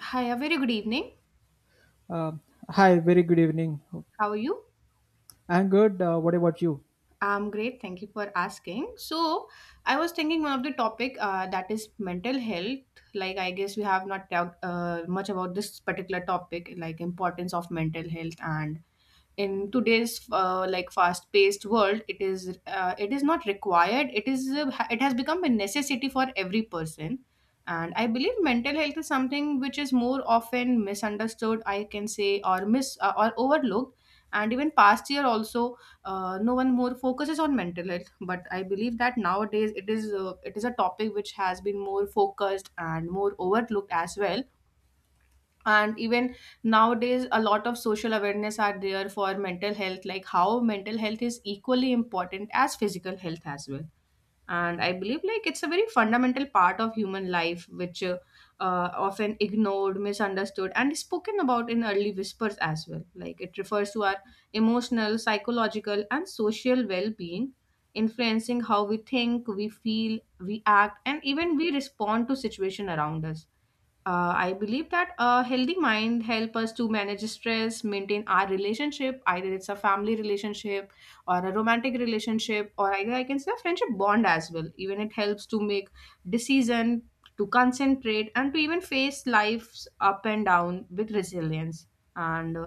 Hi, a very good evening. Um, Hi, very good evening. How are you? I'm good. What about you? I'm great. Thank you for asking. So, I was thinking one of the topic that is mental health. Like, I guess we have not talked much about this particular topic, like importance of mental health and in today's like fast paced world it is not required it has become a necessity for every person, and I believe mental health is something which is more often misunderstood, I can say, or miss or overlooked, and even past year also no one more focuses on mental health, but I believe that nowadays it is a topic which has been more focused and more overlooked as well. And even nowadays a lot of social awareness are there for mental health, like how mental health is equally important as physical health as well. And I believe, like, it's a very fundamental part of human life which often ignored, misunderstood, and is spoken about in early whispers as well. Like it refers to our emotional, psychological, and social well-being, influencing how we think, we feel, we act, and even we respond to situation around us. I believe that a healthy mind help us to manage stress, maintain our relationship, either it's a family relationship or a romantic relationship, or either I can say a friendship bond as well. Even it helps to make decision, to concentrate, and to even face life's up and down with resilience. And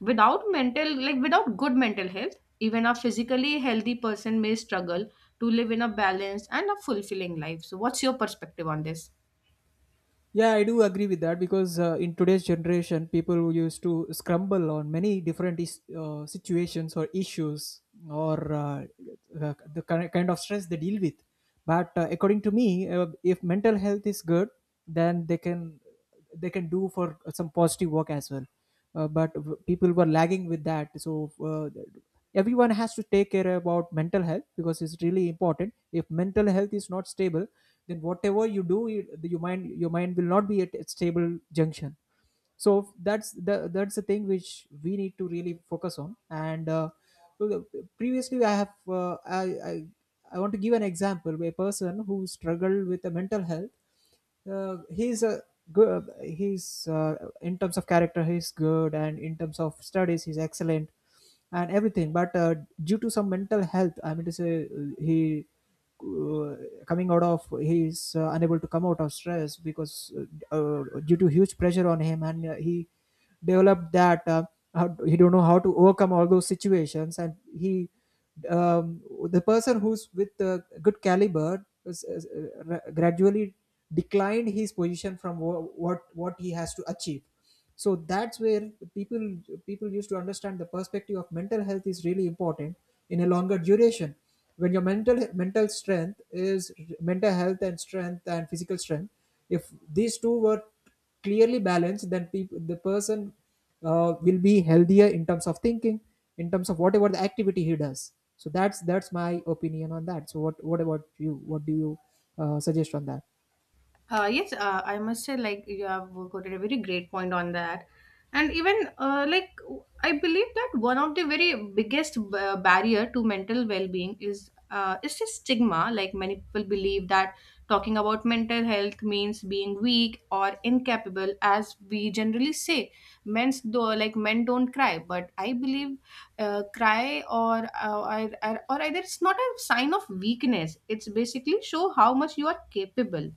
without mental like without good mental health, even a physically healthy person may struggle to live in a balanced and a fulfilling life. So what's your perspective on this? Yeah, I do agree with that because in today's generation, people used to scramble on many different situations or issues or the kind of stress they deal with. But according to me, if mental health is good, then they can do for some positive work as well, but people were lagging with that, so uh, everyone has to take care about mental health because it's really important. If mental health is not stable, then whatever you do, your mind will not be at a stable junction. So that's the thing which we need to really focus on. And so previously I have uh, I, I I want to give an example, a person who struggled with a mental health. He's a good he's in terms of character, he's good, and in terms of studies, he's excellent and everything. But due to some mental health, I mean to say, he uh, coming out of he's unable to come out of stress, because due to huge pressure on him, and he developed that. How, he don't know how to overcome all those situations, and he um, the person who's with a good caliber gradually declined his position from what he has to achieve. So that's where people used to understand the perspective of mental health is really important. In a longer duration, when your mental strength is, mental health and strength and physical strength, if these two were clearly balanced, then peop the person will be healthier in terms of thinking, in terms of whatever the activity he does. So that's my opinion on that. So what about you? What do you suggest on that? Yes, I must say, like, you have quoted a very great point on that. And even, like, I believe that one of the very biggest barrier to mental well-being is the stigma. Like, many people believe that talking about mental health means being weak or incapable, as we generally say. Men's though, like, men don't cry, but I believe cry or, or either it's not a sign of weakness. It's basically show how much you are capable.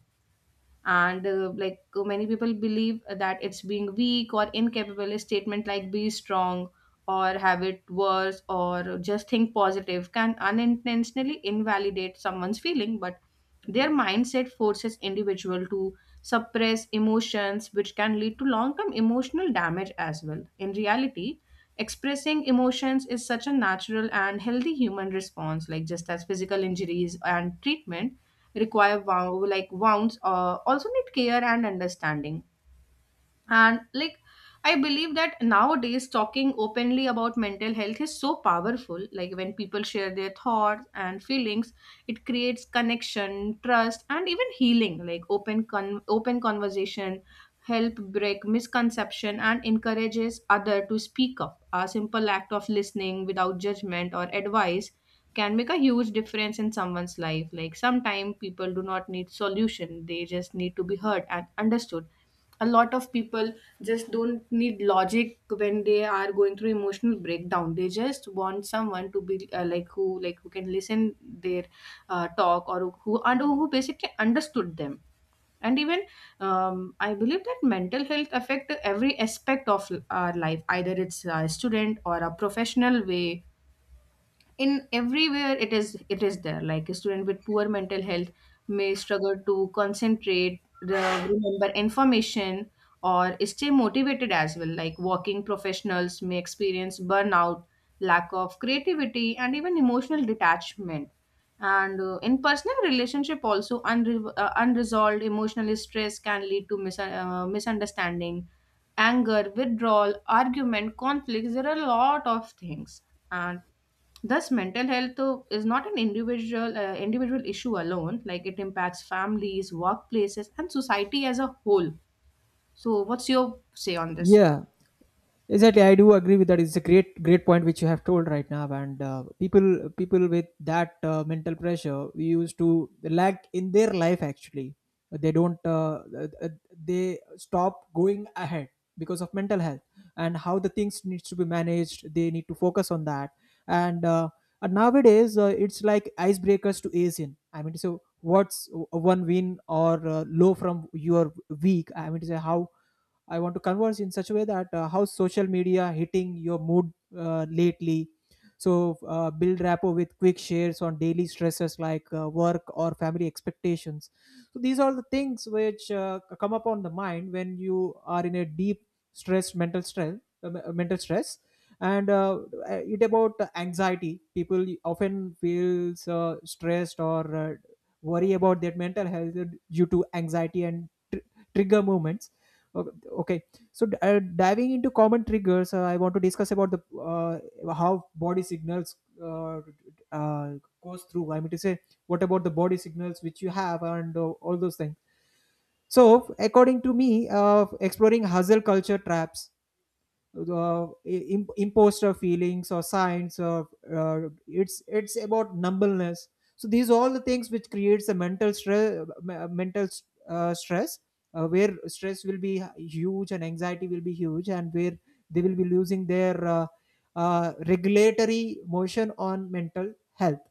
And like, many people believe that it's being weak or incapable, a statement like be strong or have it worse or just think positive can unintentionally invalidate someone's feeling. But their mindset forces individual to suppress emotions, which can lead to long term emotional damage as well. In reality, expressing emotions is such a natural and healthy human response, like just as physical injuries and treatment require. Wow, like wounds also need care and understanding. And like, I believe that nowadays talking openly about mental health is so powerful. Like when people share their thoughts and feelings, it creates connection, trust, and even healing. Like open conversation help break misconception and encourages other to speak up. A simple act of listening without judgment or advice can make a huge difference in someone's life. Like sometimes people do not need solution, they just need to be heard and understood. A lot of people just don't need logic when they are going through emotional breakdown. They just want someone to be like, who can listen their talk, or who and who basically understood them. And even, I believe that mental health affect every aspect of our life, either it's a student or a professional way. In everywhere it is there. Like a student with poor mental health may struggle to concentrate the, remember information, or stay motivated as well. Like working professionals may experience burnout, lack of creativity, and even emotional detachment. And in personal relationship also, unresolved emotional stress can lead to misunderstanding, anger, withdrawal, argument, conflicts. There are a lot of things. Thus, mental health though, is not an individual individual issue alone. Like it impacts families, workplaces, and society as a whole. So, what's your say on this? Yeah, exactly. I do agree with that. It's a great point which you have told right now. And people with that mental pressure, we used to lack in their life. Actually, they don't, they stop going ahead because of mental health, and how the things needs to be managed. They need to focus on that. And, uh, and nowadays, it's like icebreakers to ease in. I mean, so what's one win or low from your week? I mean to say, how I want to converse in such a way that how social media hitting your mood lately. So build rapport with quick shares on daily stresses like work or family expectations. So these are the things which come up on the mind when you are in a deep stress, mental stress, mental stress. And it about anxiety. People often feels stressed or worry about their mental health due to anxiety and trigger moments. Okay. So diving into common triggers, I want to discuss about the uh, how body signals uh, uh, goes through. I mean to say, what about the body signals which you have and all those things. So according to me, exploring hustle culture traps, imposed our feelings or science or uh, it's about numbness. So these are all the things which creates a mental stress, mental stress, where stress will be huge and anxiety will be huge, and where they will be losing their regulatory motion on mental health,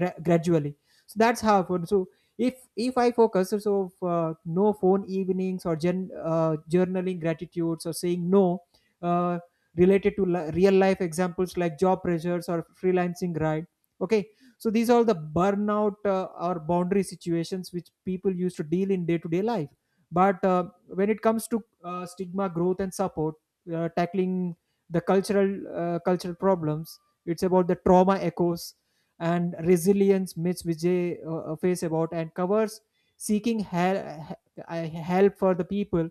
gradually. So that's how it works. So if I focus, so no phone evenings or journaling gratitudes or saying no, uh, related to real life examples like job pressures or freelancing, right? Okay. So these are the burnout or boundary situations which people used to deal in day to day life. But when it comes to stigma growth and support, tackling the cultural cultural problems, it's about the trauma echoes and resilience myths which they face about and covers, seeking help for the people.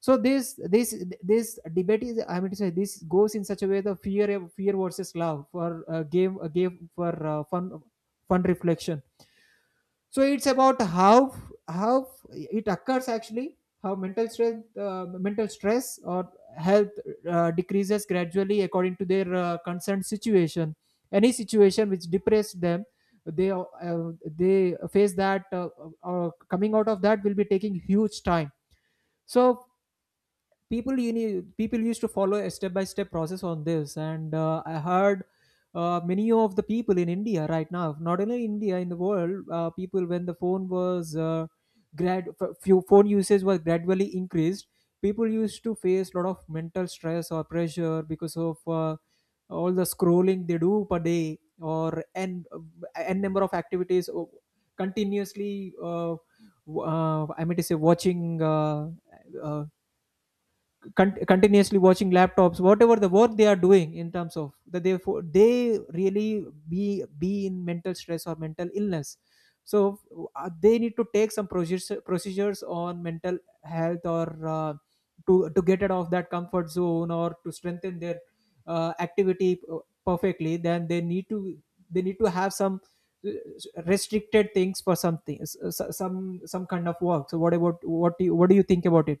So this debate is, I mean to say, this goes in such a way, the fear versus love, for game for fun reflection. So it's about how it occurs actually, how mental stress, mental stress or health decreases gradually according to their concerned situation. Any situation which depressed them, they uh, they face that. Coming out of that will be taking huge time. So people you need people used to follow a step by step process on this. And I heard many of the people in India right now, not only India, in the world, people when the phone was few phone usage was gradually increased, people used to face a lot of mental stress or pressure because of all the scrolling they do per day or n number of activities continuously, uh, I mean to say, watching uh, uh, continuously watching laptops, whatever the work they are doing in terms of that, they they really be in mental stress or mental illness. So they need to take some procedures on mental health or uh, to get out of that comfort zone, or to strengthen their activity perfectly. Then they need to have some uh, restricted things for something, some kind of work. So what about, what do you, what do you think about it?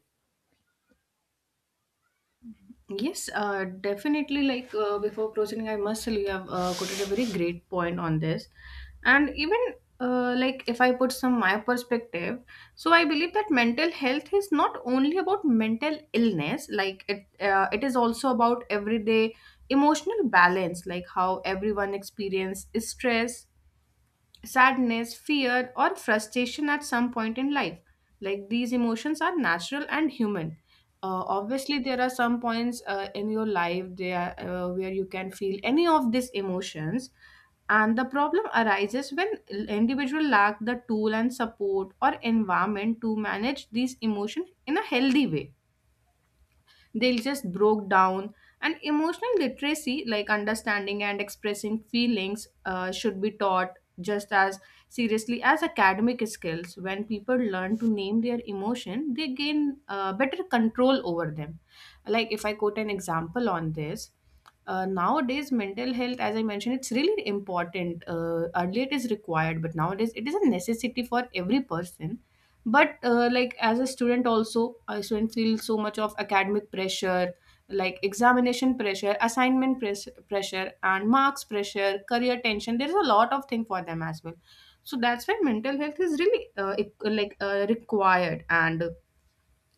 Yes, definitely. Like before proceeding, I must tell you have quoted a very great point on this, and even like, if I put some my perspective, so I believe that mental health is not only about mental illness. Like it, it is also about everyday emotional balance, like how everyone experience stress, sadness, fear, or frustration at some point in life. Like these emotions are natural and human. Obviously, there are some points in your life there where you can feel any of these emotions, and the problem arises when individual lack the tool and support or environment to manage these emotions in a healthy way. They just broke down. And emotional literacy, like understanding and expressing feelings, should be taught just as seriously as academic skills. When people learn to name their emotion, they gain better control over them. Like if I quote an example on this, nowadays mental health, as I mentioned, it's really important. Uh, earlier it is required, but nowadays it is a necessity for every person. But like as a student also, a student feels so much of academic pressure, like examination pressure, pressure, and marks pressure, career tension. There's a lot of thing for them as well. So that's why mental health is really like required. And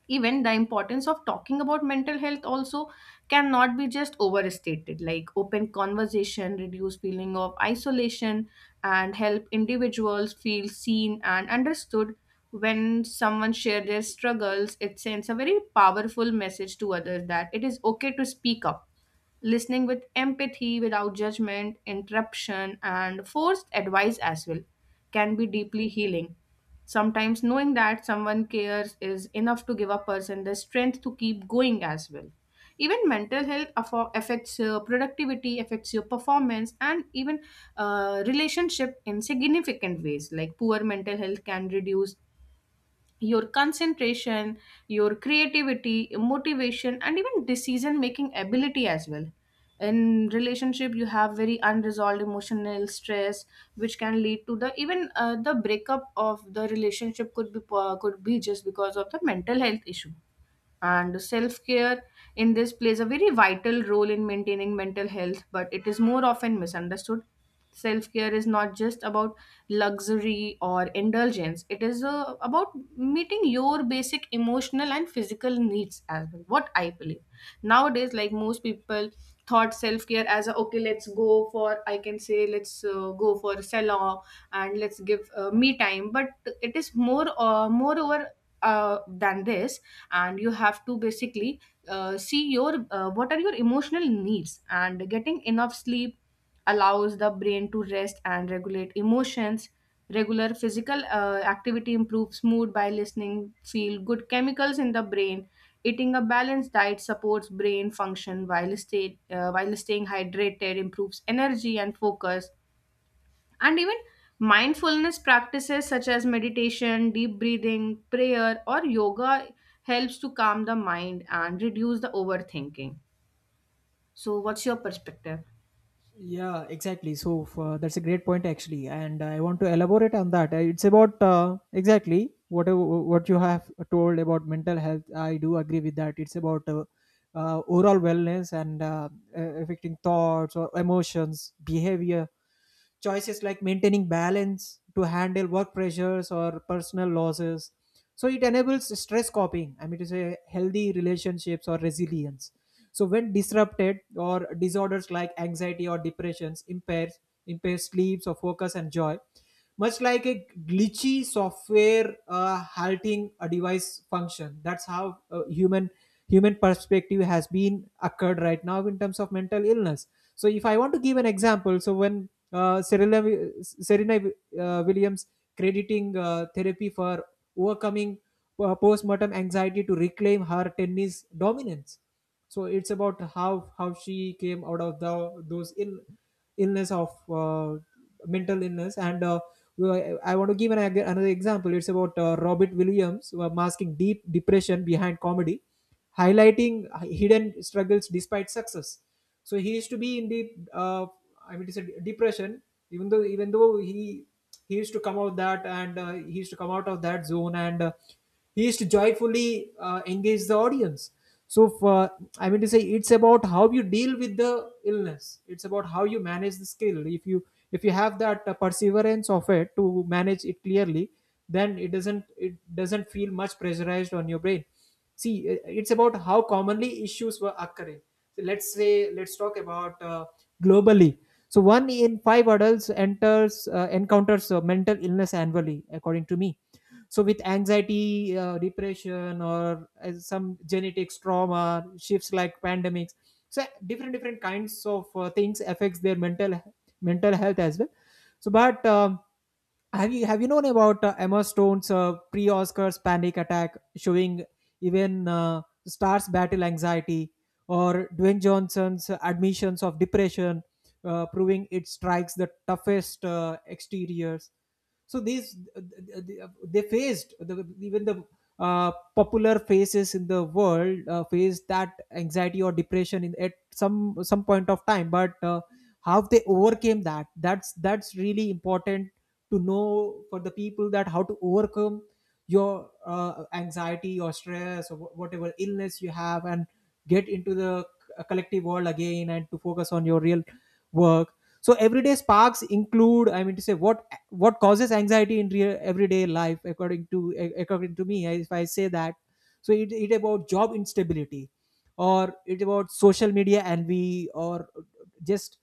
even the importance of talking about mental health also cannot be just overstated. Like open conversation reduce feeling of isolation and help individuals feel seen and understood. When someone share their struggles, it sends a very powerful message to others that it is okay to speak up. Listening with empathy, without judgment, interruption, and forced advice as well can be deeply healing. Sometimes knowing that someone cares is enough to give a person the strength to keep going as well. Even mental health affects your productivity, affects your performance, and even relationship in significant ways. Like poor mental health can reduce your concentration, your creativity, motivation, and even decision making ability as well. In relationship, you have very unresolved emotional stress, which can lead to the even the breakup of the relationship could be could be just because of the mental health issue. And self care in this plays a very vital role in maintaining mental health, but it is more often misunderstood. Self care is not just about luxury or indulgence. It is about meeting your basic emotional and physical needs as well. What I believe nowadays, like most people thought self care as a, okay, let's go for, I can say, let's go for a salon and let's give me time. But it is moreover than this. And you have to basically see your what are your emotional needs. And getting enough sleep allows the brain to rest and regulate emotions. Regular physical activity improves mood by listening feel good chemicals in the brain. Eating a balanced diet supports brain function, while while staying hydrated improves energy and focus. And even mindfulness practices such as meditation, deep breathing, prayer, or yoga helps to calm the mind and reduce the overthinking. So, what's your perspective? Yeah, exactly. So for, that's a great point actually, and I want to elaborate on that. It's about exactly whatever what you have told about mental health. I do agree with that. It's about overall wellness and affecting thoughts or emotions, behavior choices, like maintaining balance to handle work pressures or personal losses. So it enables stress coping, I mean to say, healthy relationships or resilience. So when disrupted, or disorders like anxiety or depressions impairs sleeps or focus and joy, much like a glitchy software halting a device function. That's how human perspective has been occurred right now in terms of mental illness. So if I want to give an example, so when Serena, Serena Williams crediting therapy for overcoming post-mortem anxiety to reclaim her tennis dominance. So it's about how she came out of the those in illness of mental illness. And I want to give another example. It's about Robert Williams, who are masking deep depression behind comedy, highlighting hidden struggles despite success. So he used to be in the I mean, it's a depression. Even though he used to come out that, and he used to come out of that zone, and he used to joyfully engage the audience. So for, I mean to say, it's about how you deal with the illness. It's about how you manage the skill. If you have that perseverance of it to manage it clearly, then it doesn't feel much pressurized on your brain. See, it's about how commonly issues were occurring. So let's say, let's talk about globally. So one in five adults enters encounters mental illness annually, according to me. So with anxiety, depression, or some genetics trauma shifts like pandemics. So different kinds of things affects their mental health as well. So but have you known about Emma Stone's pre-Oscars panic attack, showing even stars battle anxiety, or Dwayne Johnson's admissions of depression, proving it strikes the toughest exteriors. So these, they faced the, even the popular faces in the world faced that anxiety or depression in at some point of time, but. How they overcame that's really important to know for the people that how to overcome your anxiety or stress or whatever illness you have and get into the collective world again and to focus on your real work. So everyday sparks include, I mean to say what causes anxiety in real everyday life, according to me, if I say that, so it about job instability, or it about social media envy, or just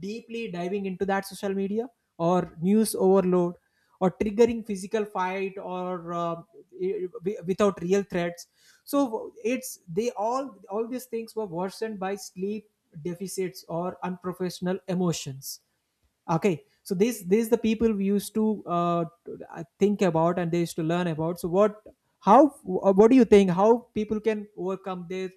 deeply diving into that social media, or news overload, or triggering physical fight or without real threats. So it's they all these things were worsened by sleep deficits or unprofessional emotions. Okay, so these the people we used to think about and they used to learn about. So what, how, what do you think how people can overcome their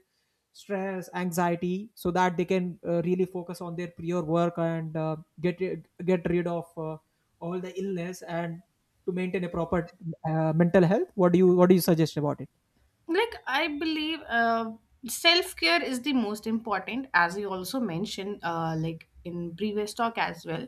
stress anxiety so that they can really focus on their prior work and get rid of all the illness and to maintain a proper mental health? What do you suggest about it? Like I believe, self-care is the most important, as you also mentioned, like in previous talk as well.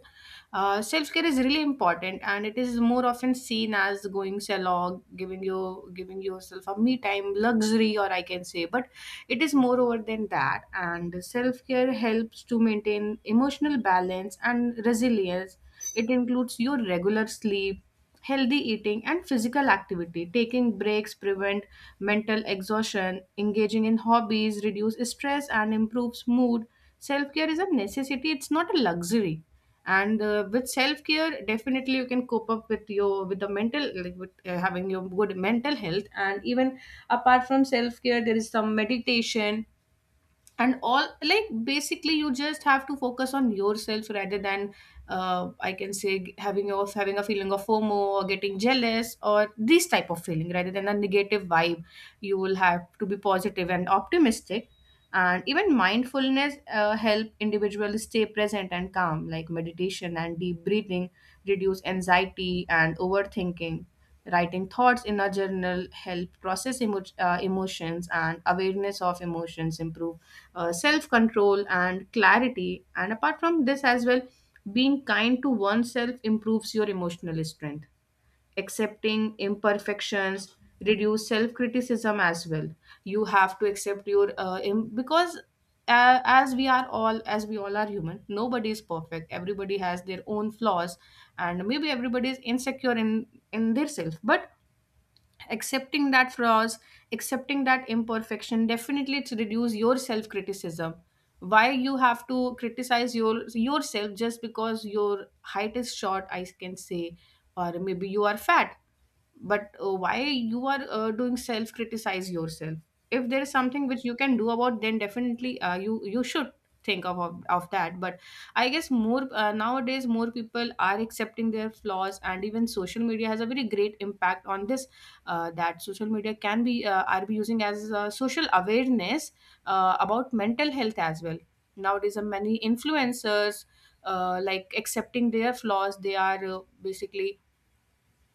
Uh, self-care is really important, and it is more often seen as going salon, giving yourself a me time luxury, or I can say. But it is more over than that, and self-care helps to maintain emotional balance and resilience. It includes your regular sleep, healthy eating, and physical activity. Taking breaks prevent mental exhaustion. Engaging in hobbies reduces stress and improves mood. Self care is a necessity, it's not a luxury. And with self care, definitely you can cope up with your, with the mental, like with having your good mental health. And even apart from self care, there is some meditation and all. Like basically you just have to focus on yourself rather than, I can say, having of having a feeling of FOMO or getting jealous or this type of feeling. Rather than a negative vibe, you will have to be positive and optimistic. And even mindfulness help individuals stay present and calm, like meditation and deep breathing reduce anxiety and overthinking. Writing thoughts in a journal help process emotions, and awareness of emotions improve self control and clarity. And apart from this, as well, being kind to oneself improves your emotional strength. Accepting imperfections reduce self criticism as well. You have to accept your because as we all are human. Nobody is perfect. Everybody has their own flaws, and maybe everybody is insecure in their self. But accepting that flaws, accepting that imperfection, definitely it's reduce your self criticism. Why you have to criticize your yourself just because your height is short, I can say, or maybe you are fat. But why you are doing self criticize yourself? If there is something which you can do about, then definitely you should think of that. But I guess more nowadays more people are accepting their flaws, and even social media has a very great impact on this. That social media can be are be using as a social awareness about mental health as well. Nowadays many influencers, like, accepting their flaws, they are basically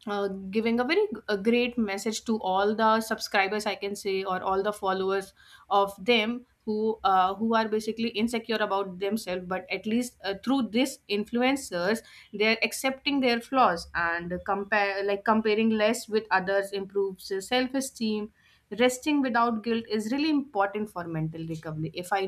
giving a a great message to all the subscribers, I can say, or all the followers of them who are basically insecure about themselves. But at least through this influencers they're accepting their flaws, and compare, like, comparing less with others improves self-esteem. Resting without guilt is really important for mental recovery. If I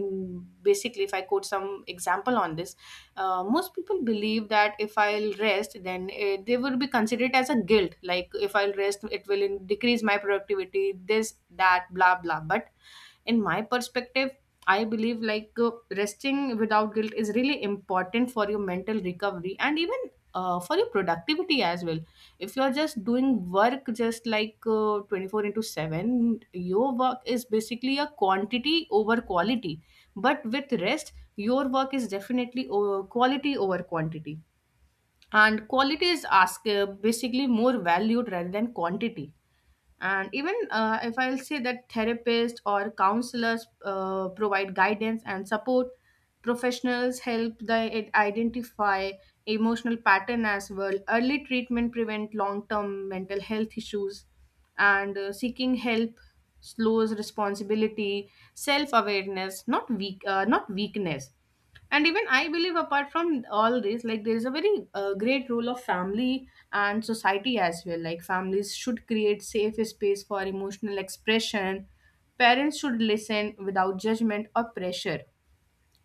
basically, if I quote some example on this, most people believe that if I'll rest, then they would be considered as a guilt. Like, if I'll rest, it will decrease my productivity, this, that, blah, blah. But in my perspective, I believe like resting without guilt is really important for your mental recovery, and even for your productivity as well. If you're just doing work just like 24 into 7, your work is basically a quantity over quality. But with rest your work is definitely quality over quantity, and quality is ask, basically, more valued rather than quantity. And even if I'll say that therapists or counselors provide guidance and support, professionals help the it identify emotional pattern as well. Early treatment prevent long term mental health issues, and seeking help slows responsibility, self awareness, not weak, not weakness. And even I believe, apart from all this, like, there is a very great role of family and society as well. Like, families should create safe space for emotional expression. Parents should listen without judgment or pressure.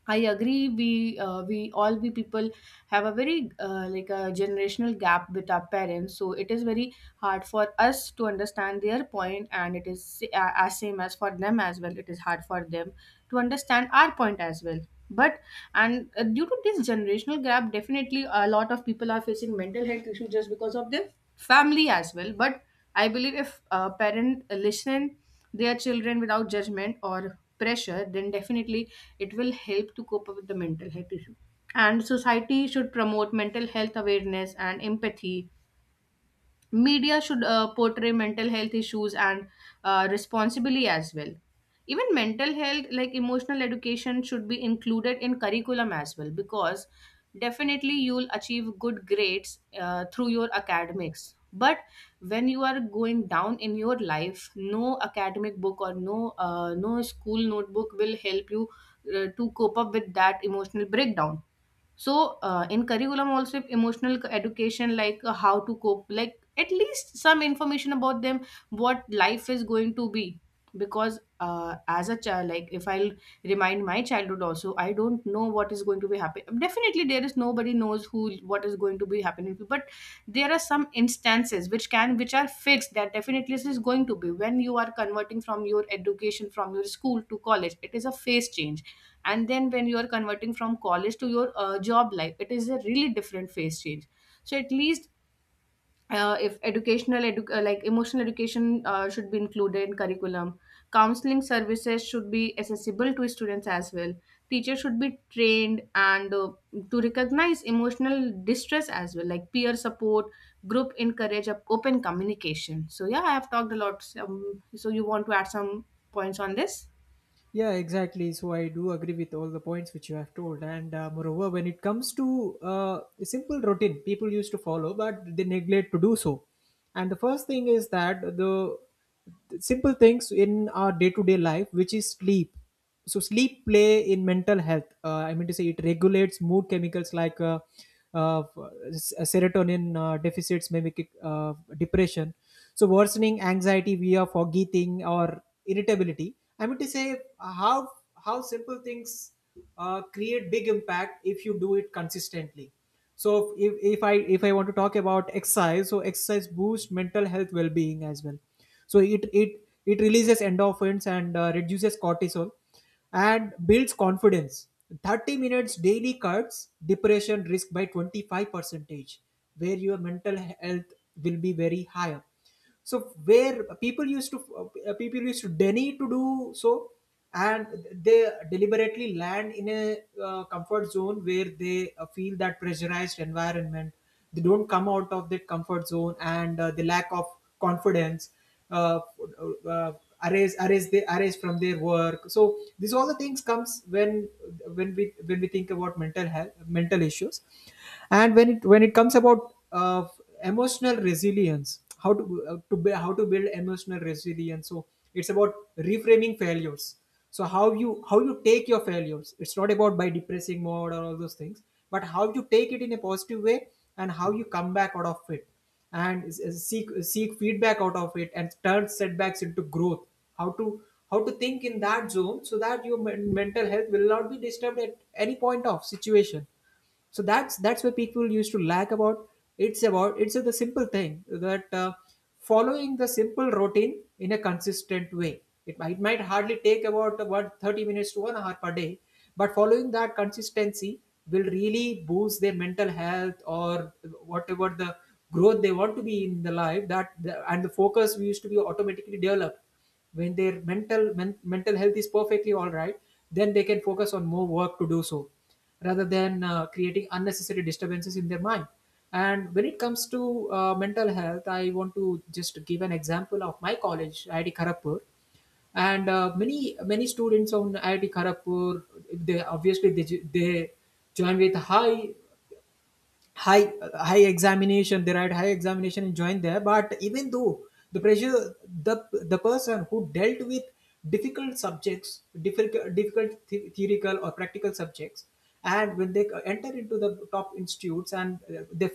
I agree. We all we people have a very like a generational gap with our parents, so it is very hard for us to understand their point, and it is as same as for them as well. It is hard for them to understand our point as well. But and due to this generational gap, definitely a lot of people are facing mental health issues just because of their family as well. But I believe if a parent listen their children without judgment or pressure, then definitely it will help to cope up with the mental health issue. And society should promote mental health awareness and empathy. Media should portray mental health issues and responsibly as well. Even mental health, like emotional education, should be included in curriculum as well, because definitely you'll achieve good grades through your academics. But when you are going down in your life, no academic book or no school notebook will help you to cope up with that emotional breakdown. So, in curriculum also, if emotional education, like, how to cope, like, at least some information about them, what life is going to be. Because as a child, like, if I'll remind my childhood also, I don't know what is going to be happening. Definitely, there is nobody knows who what is going to be happening. But there are some instances which can, which are fixed, that definitely this is going to be when you are converting from your education, from your school to college. It is a phase change. And then when you are converting from college to your job life, it is a really different phase change. So at least if educational like emotional education should be included in curriculum. Counseling services should be accessible to students as well. Teachers should be trained and to recognize emotional distress as well. Like, peer support group encourage open communication. So yeah, I have talked a lot. So you want to add some points on this? Yeah, exactly. So I do agree with all the points which you have told. And moreover, when it comes to a simple routine, people used to follow, but they neglect to do so. And the first thing is that the simple things in our day to day life, which is sleep. So sleep play in mental health, I mean to say it regulates mood chemicals like uh, serotonin deficits may make it, depression, so worsening anxiety via forgetting or irritability. I mean to say How simple things create big impact if you do it consistently. So if I want to talk about exercise, so exercise boosts mental health well-being as well. So it it releases endorphins and reduces cortisol and builds confidence. 30 minutes daily cuts depression risk by 25 percentage, where your mental health will be very higher. So where people used to deny to do so, and they deliberately land in a comfort zone where they feel that pressurized environment. They don't come out of that comfort zone, and the lack of confidence, uh, uh, arrays arrays they arrays from their work. So these all the things comes when when we think about mental health, mental issues. And when it comes about emotional resilience, how to how to build emotional resilience. So it's about reframing failures. So how you take your failures, it's not about by depressing mode or all those things, but how you take it in a positive way and how you come back out of it and seek feedback out of it and turn setbacks into growth. How to think in that zone so that your mental health will not be disturbed at any point of situation. So that's where people used to lack about. It's about, it's the simple thing that following the simple routine in a consistent way, it might hardly take about 30 minutes to 1 hour per day. But following that consistency will really boost their mental health or whatever the growth they want to be in the life, that the, and the focus we used to be automatically developed when their mental health is perfectly all right, then they can focus on more work to do so, rather than creating unnecessary disturbances in their mind. And when it comes to mental health, I want to just give an example of my college, IIT Kharagpur. And many students on IIT Kharagpur, they obviously they join with high examination, they write high examination and join there. But even though the pressure, the the person who dealt with difficult subjects, difficult theoretical or practical subjects. And when they enter into the top institutes and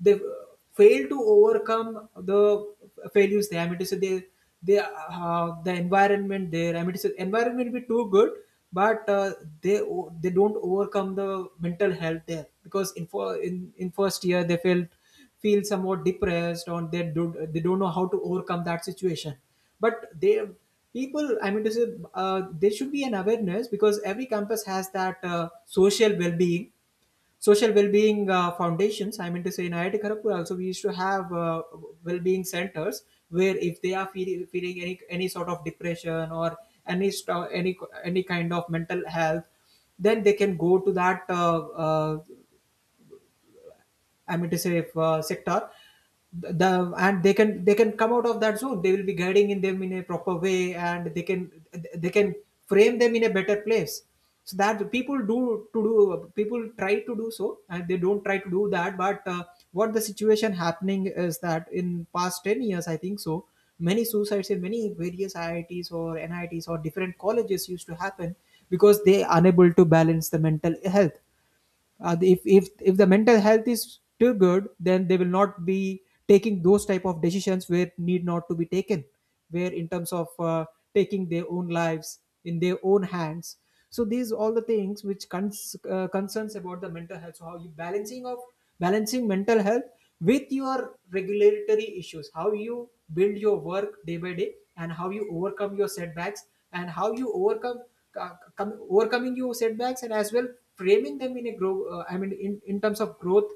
they fail to overcome the failures there. I mean to say, they the environment there. I mean to say, environment will be too good, but they don't overcome the mental health there, because in first year they felt feel somewhat depressed, or they don't, they don't know how to overcome that situation. But they people, I mean to say, there should be an awareness, because every campus has that social well being, social well-being foundations. I mean to say, in IIT Kharagpur also we used to have well-being centers, where if they are feeling any sort of depression or any st- any any kind of mental health, then they can go to that I mean to say, sector, the and they can, they can come out of that zone. They will be guiding in them in a proper way, and they can they can frame them in a better place. So that the people do to do, people try to do so, and they don't try to do that. But what the situation happening is that in past 10 years, I think so, many suicides in many various IITs or NITs or different colleges used to happen, because they are unable to balance the mental health. If the mental health is too good, then they will not be taking those type of decisions where need not to be taken, where in terms of taking their own lives in their own hands. So these all the things which concerns about the mental health. So how you balancing of balancing mental health with your regulatory issues, how you build your work day by day, and how you overcome your setbacks, and how you overcome overcoming your setbacks and as well framing them in a grow I mean in terms of growth,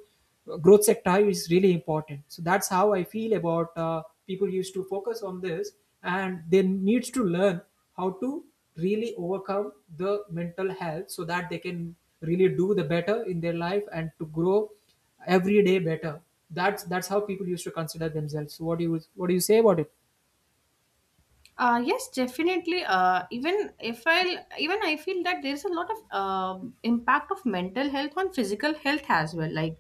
growth sector is really important. So that's how I feel about, people used to focus on this, and they needs to learn how to really overcome the mental health so that they can really do the better in their life and to grow every day better. That's how people used to consider themselves. So what do you say about it? Yes, definitely. Even if I, even I feel that there is a lot of impact of mental health on physical health as well. Like,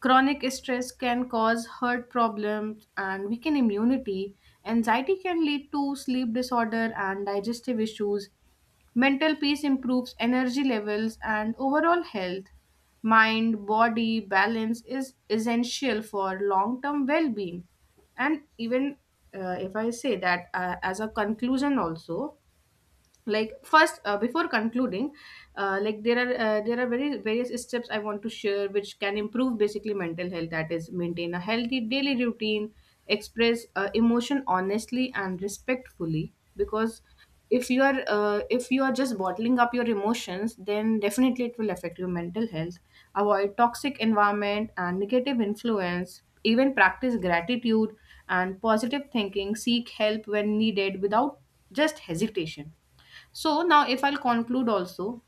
chronic stress can cause heart problems and weaken immunity. Anxiety can lead to sleep disorder and digestive issues. Mental peace improves energy levels and overall health. Mind body balance is essential for long term well being. And even if I say that, as a conclusion, also, like, first before concluding, like, there are very various steps I want to share which can improve basically mental health. That is, maintain a healthy daily routine, express emotion honestly and respectfully, because if you are just bottling up your emotions, then definitely it will affect your mental health. Avoid toxic environment and negative influence, even practice gratitude and positive thinking, seek help when needed without just hesitation. So now, if I'll conclude also,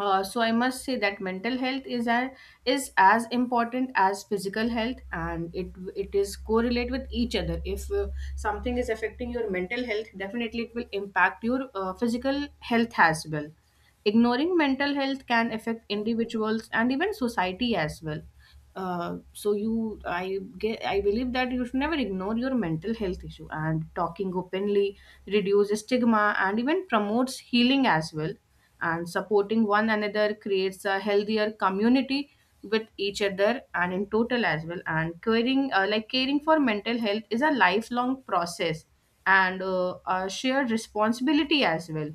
so I must say that mental health is a, is as important as physical health, and it is correlate with each other. If something is affecting your mental health, definitely it will impact your physical health as well. Ignoring mental health can affect individuals and even society as well. So you, I get, I believe that you should never ignore your mental health issue, and talking openly reduces stigma and even promotes healing as well, and supporting one another creates a healthier community with each other and in total as well. And caring, like, caring for mental health is a lifelong process, and a shared responsibility as well.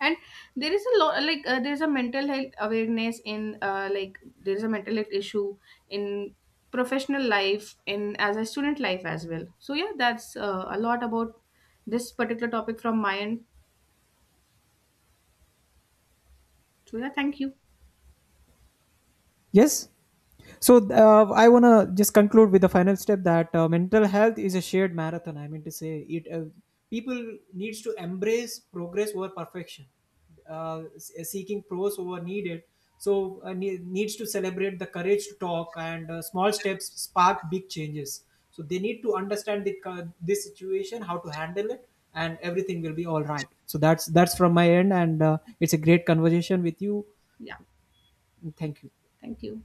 And there is a lot, like, there's a mental health awareness in, like, there's a mental health issue in professional life, in as a student life as well. So yeah, that's a lot about this particular topic from my end. So yeah, thank you. Yes. So I want to just conclude with the final step that mental health is a shared marathon. I mean to say, it people needs to embrace progress over perfection, seeking pros over needed. So needs to celebrate the courage to talk, and small steps spark big changes. So they need to understand the, this situation, how to handle it, and everything will be all right. So that's from my end, and it's a great conversation with you. Yeah, Thank you. thank you.